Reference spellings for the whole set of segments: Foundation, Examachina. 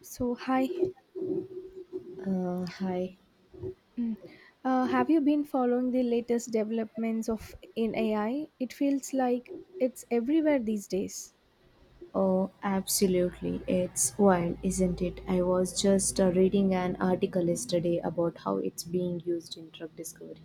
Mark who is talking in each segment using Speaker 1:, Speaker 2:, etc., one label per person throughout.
Speaker 1: So, hi.
Speaker 2: Hi.
Speaker 1: Mm. Have you been following the latest developments of in AI? It feels like it's everywhere these days.
Speaker 2: Oh, absolutely. It's wild, isn't it? I was just reading an article yesterday about how it's being used in drug discovery.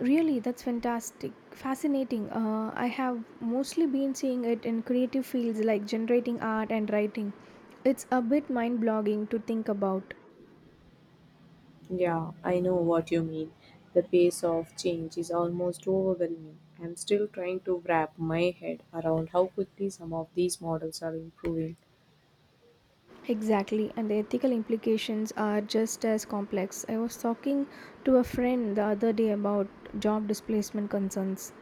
Speaker 1: Really, that's fascinating. I have mostly been seeing it in creative fields like generating art and writing. It's a bit mind-blogging to think about.
Speaker 2: Yeah, I know what you mean. The pace of change is almost overwhelming. I'm still trying to wrap my head around how quickly some of these models are improving.
Speaker 1: Exactly, and the ethical implications are just as complex. I was talking to a friend the other day about job displacement concerns.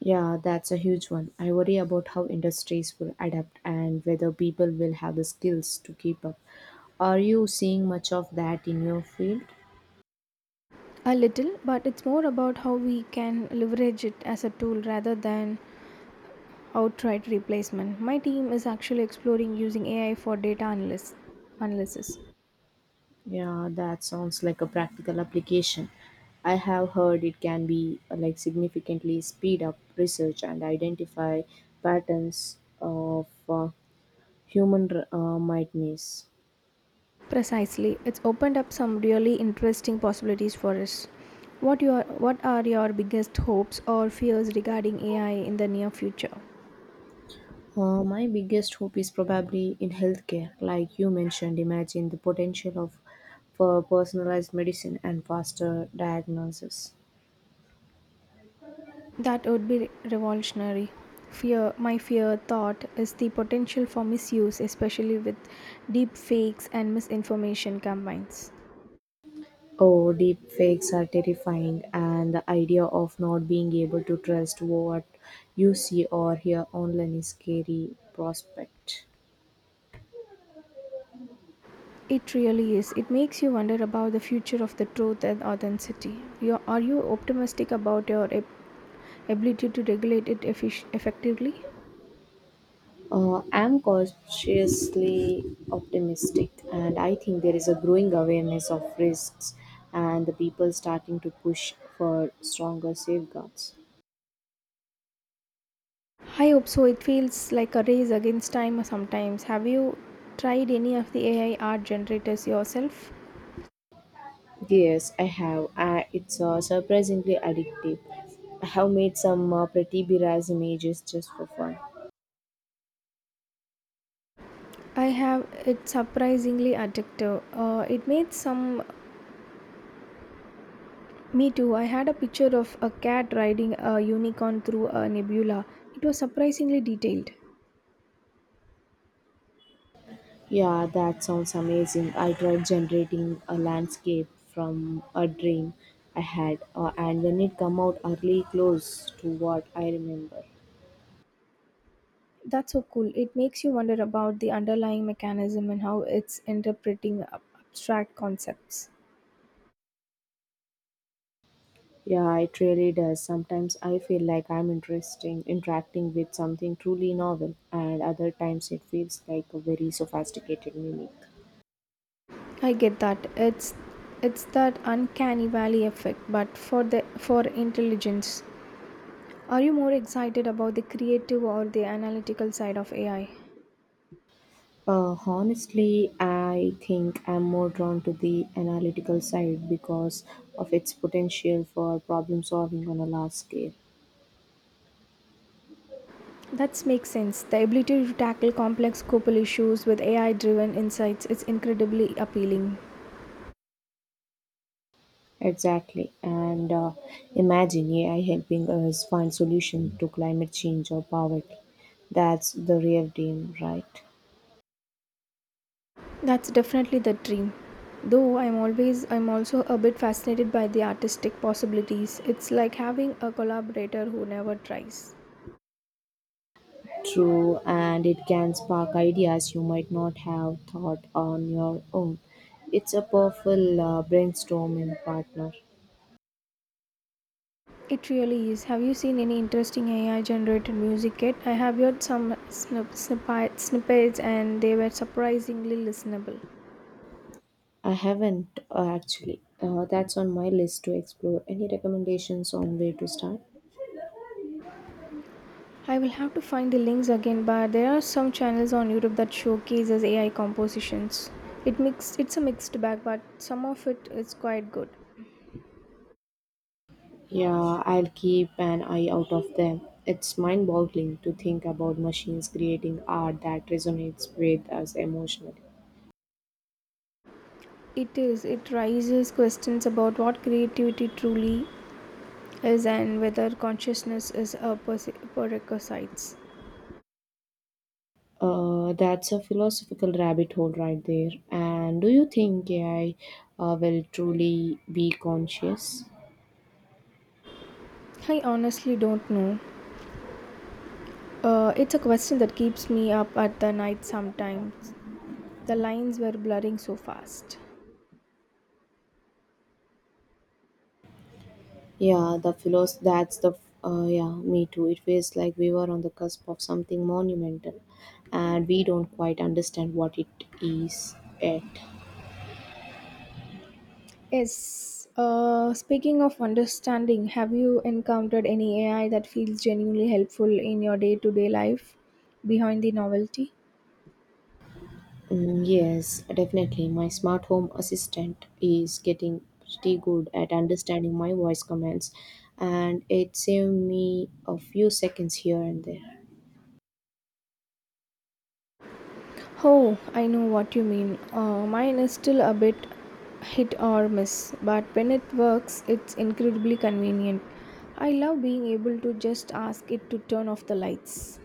Speaker 2: Yeah, that's a huge one. I worry about how industries will adapt and whether people will have the skills to keep up. Are you seeing much of that in your field?
Speaker 1: A little, but it's more about how we can leverage it as a tool rather than outright replacement. My team is actually exploring using AI for data analysis.
Speaker 2: Yeah, that sounds like a practical application. I have heard it can be significantly speed up research and identify patterns of human might miss.
Speaker 1: Precisely, it's opened up some really interesting possibilities for us. What are your biggest hopes or fears regarding AI in the near future?
Speaker 2: My biggest hope is probably in healthcare, like you mentioned. Imagine the potential of for personalized medicine and faster diagnosis.
Speaker 1: That would be revolutionary. My fear thought is the potential for misuse, especially with deep fakes and misinformation campaigns.
Speaker 2: Oh, deep fakes are terrifying, and the idea of not being able to trust what you see or hear online is scary prospect.
Speaker 1: It really is. It makes you wonder about the future of the truth and authenticity. Are you optimistic about your ability to regulate it effectively?
Speaker 2: I'm cautiously optimistic, and I think there is a growing awareness of risks, and the people starting to push for stronger safeguards.
Speaker 1: I hope so. It feels like a race against time sometimes. Have you tried any of the AI art generators yourself?
Speaker 2: Yes, I have. It's surprisingly addictive. I have made some pretty bizarre images just for fun.
Speaker 1: I have. It's surprisingly addictive. It made some. Me too. I had a picture of a cat riding a unicorn through a nebula. It was surprisingly detailed.
Speaker 2: Yeah, that sounds amazing. I tried generating a landscape from a dream I had, and when it come out early close to what I remember.
Speaker 1: That's so cool. It makes you wonder about the underlying mechanism and how it's interpreting abstract concepts.
Speaker 2: Yeah, it really does. Sometimes I feel like I'm interesting interacting with something truly novel, and other times it feels like a very sophisticated mimic.
Speaker 1: I get that. It's that uncanny valley effect, but for intelligence. Are you more excited about the creative or the analytical side of AI?
Speaker 2: Honestly, I think I'm more drawn to the analytical side because of its potential for problem solving on a large scale.
Speaker 1: That makes sense. The ability to tackle complex global issues with AI driven insights is incredibly appealing.
Speaker 2: Exactly. And imagine AI helping us find solution to climate change or poverty. That's the real dream, right?
Speaker 1: That's definitely the dream. Though I'm also a bit fascinated by the artistic possibilities. It's like having a collaborator who never tries.
Speaker 2: True, and it can spark ideas you might not have thought on your own. It's a powerful brainstorming partner.
Speaker 1: It really is. Have you seen any interesting AI generated music yet? I have heard some snippets and they were surprisingly listenable.
Speaker 2: I haven't, actually. That's on my list to explore. Any recommendations on where to start?
Speaker 1: I will have to find the links again, but there are some channels on YouTube that showcases AI compositions. It's a mixed bag, but some of it is quite good.
Speaker 2: Yeah, I'll keep an eye out of them. It's mind boggling to think about machines creating art that resonates with us emotionally.
Speaker 1: It is. It raises questions about what creativity truly is and whether consciousness is a prerequisite.
Speaker 2: That's a philosophical rabbit hole right there. And do you think AI will truly be conscious?
Speaker 1: I honestly don't know. It's a question that keeps me up at the night sometimes. The lines were blurring so fast.
Speaker 2: Yeah, the philos. That's the yeah. Me too. It feels like we were on the cusp of something monumental, and we don't quite understand what it is yet.
Speaker 1: Yes. Speaking of understanding, have you encountered any AI that feels genuinely helpful in your day to day life behind the novelty?
Speaker 2: Mm, yes, definitely. My smart home assistant is getting pretty good at understanding my voice commands, and it saved me a few seconds here and there.
Speaker 1: Oh, I know what you mean. Mine is still a bit hit or miss, but when it works, it's incredibly convenient. I love being able to just ask it to turn off the lights.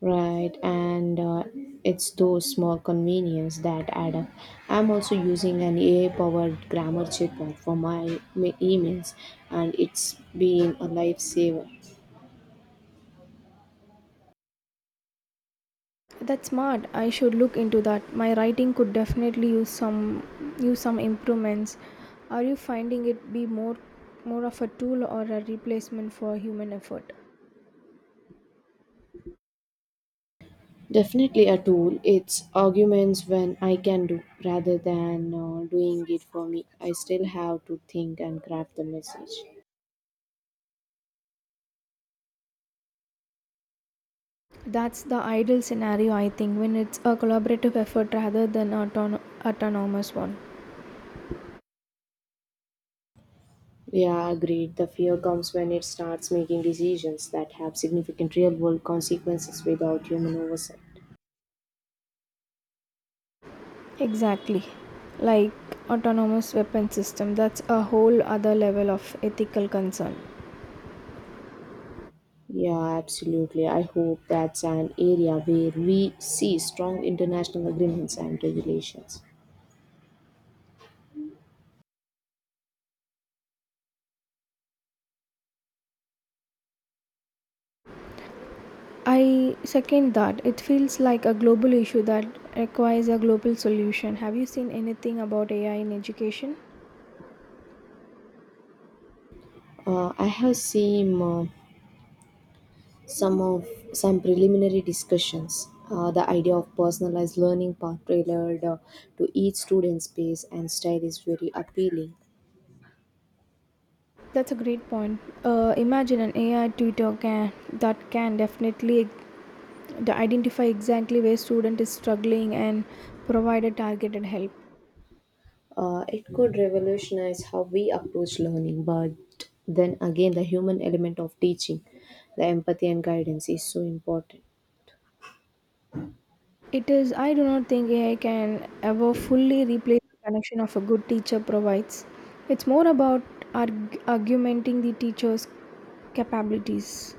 Speaker 2: Right, and it's those small convenience that add up. I'm also using an AI-powered grammar checker for my emails, and it's been a lifesaver.
Speaker 1: That's smart. I should look into that. My writing could definitely use some improvements. Are you finding it be more of a tool or a replacement for human effort?
Speaker 2: Definitely a tool. It's arguments when I can do rather than doing it for me. I still have to think and craft the message.
Speaker 1: That's the ideal scenario, I think, when it's a collaborative effort rather than autonomous one.
Speaker 2: Yeah, agreed. The fear comes when it starts making decisions that have significant real world consequences without human oversight.
Speaker 1: Exactly. Like autonomous weapon system, that's a whole other level of ethical concern.
Speaker 2: Yeah, absolutely. I hope that's an area where we see strong international agreements and regulations.
Speaker 1: I second that. It feels like a global issue that requires a global solution. Have you seen anything about AI in education?
Speaker 2: I have seen some of some preliminary discussions the idea of personalized learning path tailored to each student's pace and style is very appealing.
Speaker 1: That's a great point. Imagine an AI tutor can that can definitely identify exactly where student is struggling and provide a targeted help.
Speaker 2: It could revolutionize how we approach learning, but then again the human element of teaching, the empathy and guidance, is so important.
Speaker 1: It is, I do not think AI can ever fully replace the connection of a good teacher provides. It's more about augmenting the teacher's capabilities.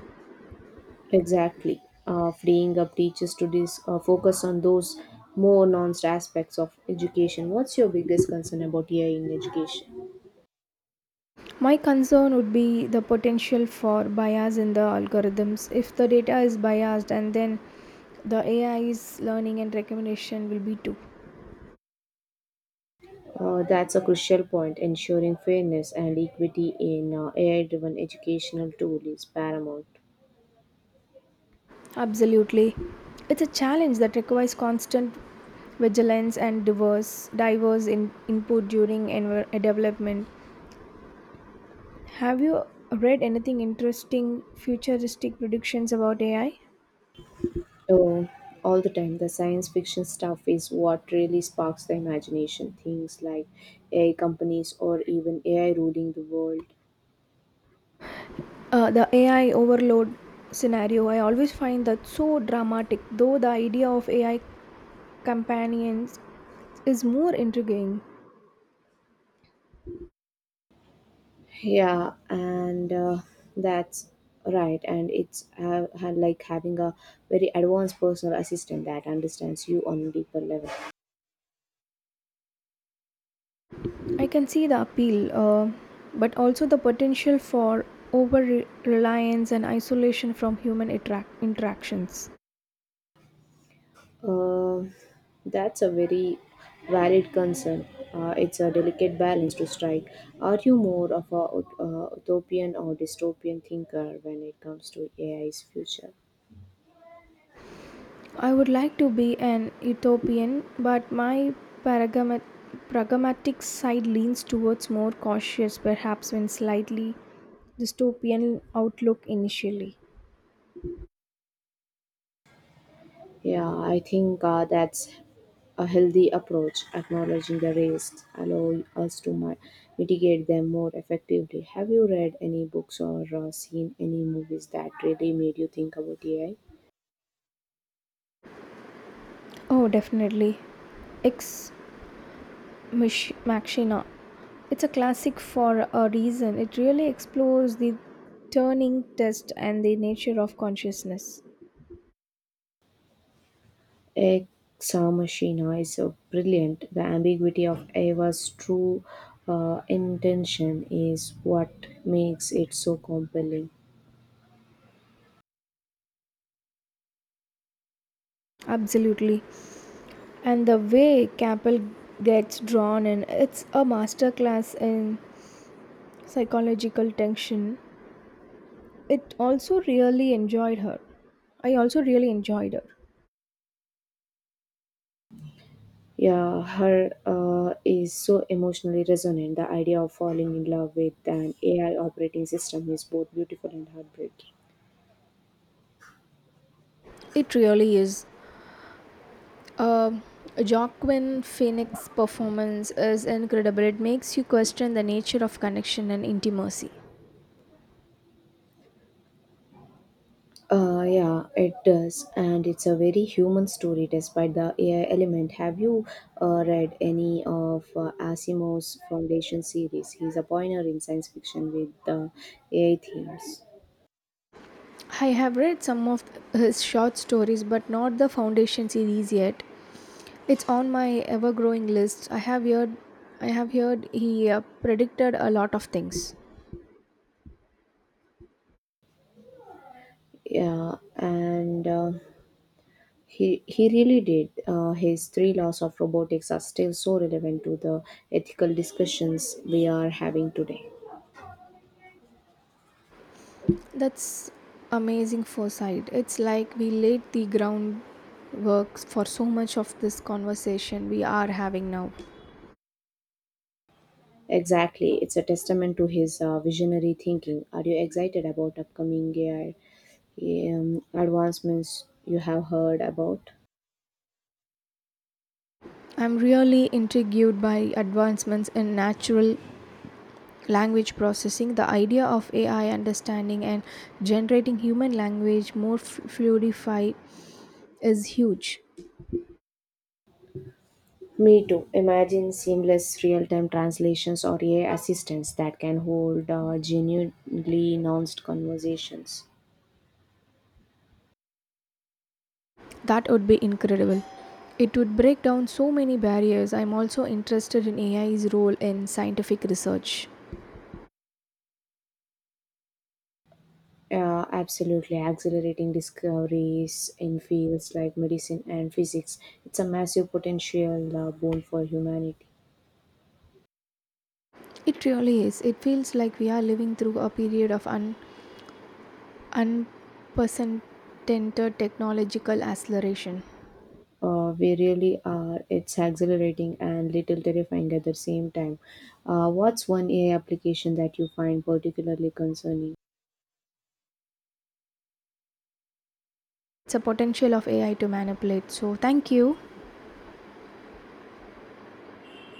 Speaker 2: Exactly. Freeing up teachers to focus on those more nuanced aspects of education. What's your biggest concern about AI in education?
Speaker 1: My concern would be the potential for bias in the algorithms. If the data is biased, and then the AI's learning and recommendation will be too.
Speaker 2: That's a crucial point. Ensuring fairness and equity in AI driven educational tool is paramount.
Speaker 1: Absolutely. It's a challenge that requires constant vigilance and diverse input during development. Have you read anything interesting futuristic predictions about AI?
Speaker 2: Oh, all the time, the science fiction stuff is what really sparks the imagination. Things like AI companies or even AI ruling the world.
Speaker 1: The AI overload scenario, I always find that so dramatic, though the idea of AI companions is more intriguing.
Speaker 2: Yeah, and that's right. And it's like having a very advanced personal assistant that understands you on a deeper level.
Speaker 1: I can see the appeal, but also the potential for over reliance and isolation from human interactions.
Speaker 2: Uh, that's a very valid concern. It's a delicate balance to strike. Are you more of a utopian or dystopian thinker when it comes to AI's future?
Speaker 1: I would like to be an utopian, but my paragama- pragmatic side leans towards more cautious, perhaps when slightly dystopian outlook initially.
Speaker 2: Yeah, I think that's a healthy approach, acknowledging the risks, allow us to mitigate them more effectively. Have you read any books or seen any movies that really made you think about AI?
Speaker 1: Oh, definitely. Ex Machina. It's a classic for a reason. It really explores the Turning test and the nature of consciousness.
Speaker 2: Examachina is so brilliant. The ambiguity of Eva's true intention is what makes it so compelling.
Speaker 1: Absolutely. And the way Capel gets drawn in, it's a masterclass in psychological tension. It also really enjoyed her. I also really enjoyed her.
Speaker 2: Yeah, her is so emotionally resonant. The idea of falling in love with an AI operating system is both beautiful and heartbreaking.
Speaker 1: It really is. Uh, Joaquin Phoenix's performance is incredible. It makes you question the nature of connection and intimacy.
Speaker 2: Yeah, it does, and it's a very human story despite the AI element. Have you read any of Asimov's Foundation series? He's a pioneer in science fiction with AI themes.
Speaker 1: I have read some of his short stories, but not the Foundation series yet. It's on my ever-growing list. I have heard he predicted a lot of things.
Speaker 2: Yeah, and he really did. His three laws of robotics are still so relevant to the ethical discussions we are having today.
Speaker 1: That's amazing foresight. It's like we laid the groundwork for so much of this conversation we are having now.
Speaker 2: Exactly. It's a testament to his visionary thinking. Are you excited about upcoming AI advancements you have heard about?
Speaker 1: I'm really intrigued by advancements in natural language processing. The idea of AI understanding and generating human language more fluidified is huge.
Speaker 2: Me too. Imagine seamless real time translations or AI assistants that can hold genuinely nuanced conversations.
Speaker 1: That would be incredible. It would break down so many barriers. I'm also interested in AI's role in scientific research.
Speaker 2: Absolutely. Accelerating discoveries in fields like medicine and physics. It's a massive potential boon for humanity.
Speaker 1: It really is. It feels like we are living through a period of unprecedented technological acceleration.
Speaker 2: We really are. It's exhilarating and little terrifying at the same time. What's one AI application that you find particularly concerning?
Speaker 1: It's a potential of AI to manipulate. So, thank you.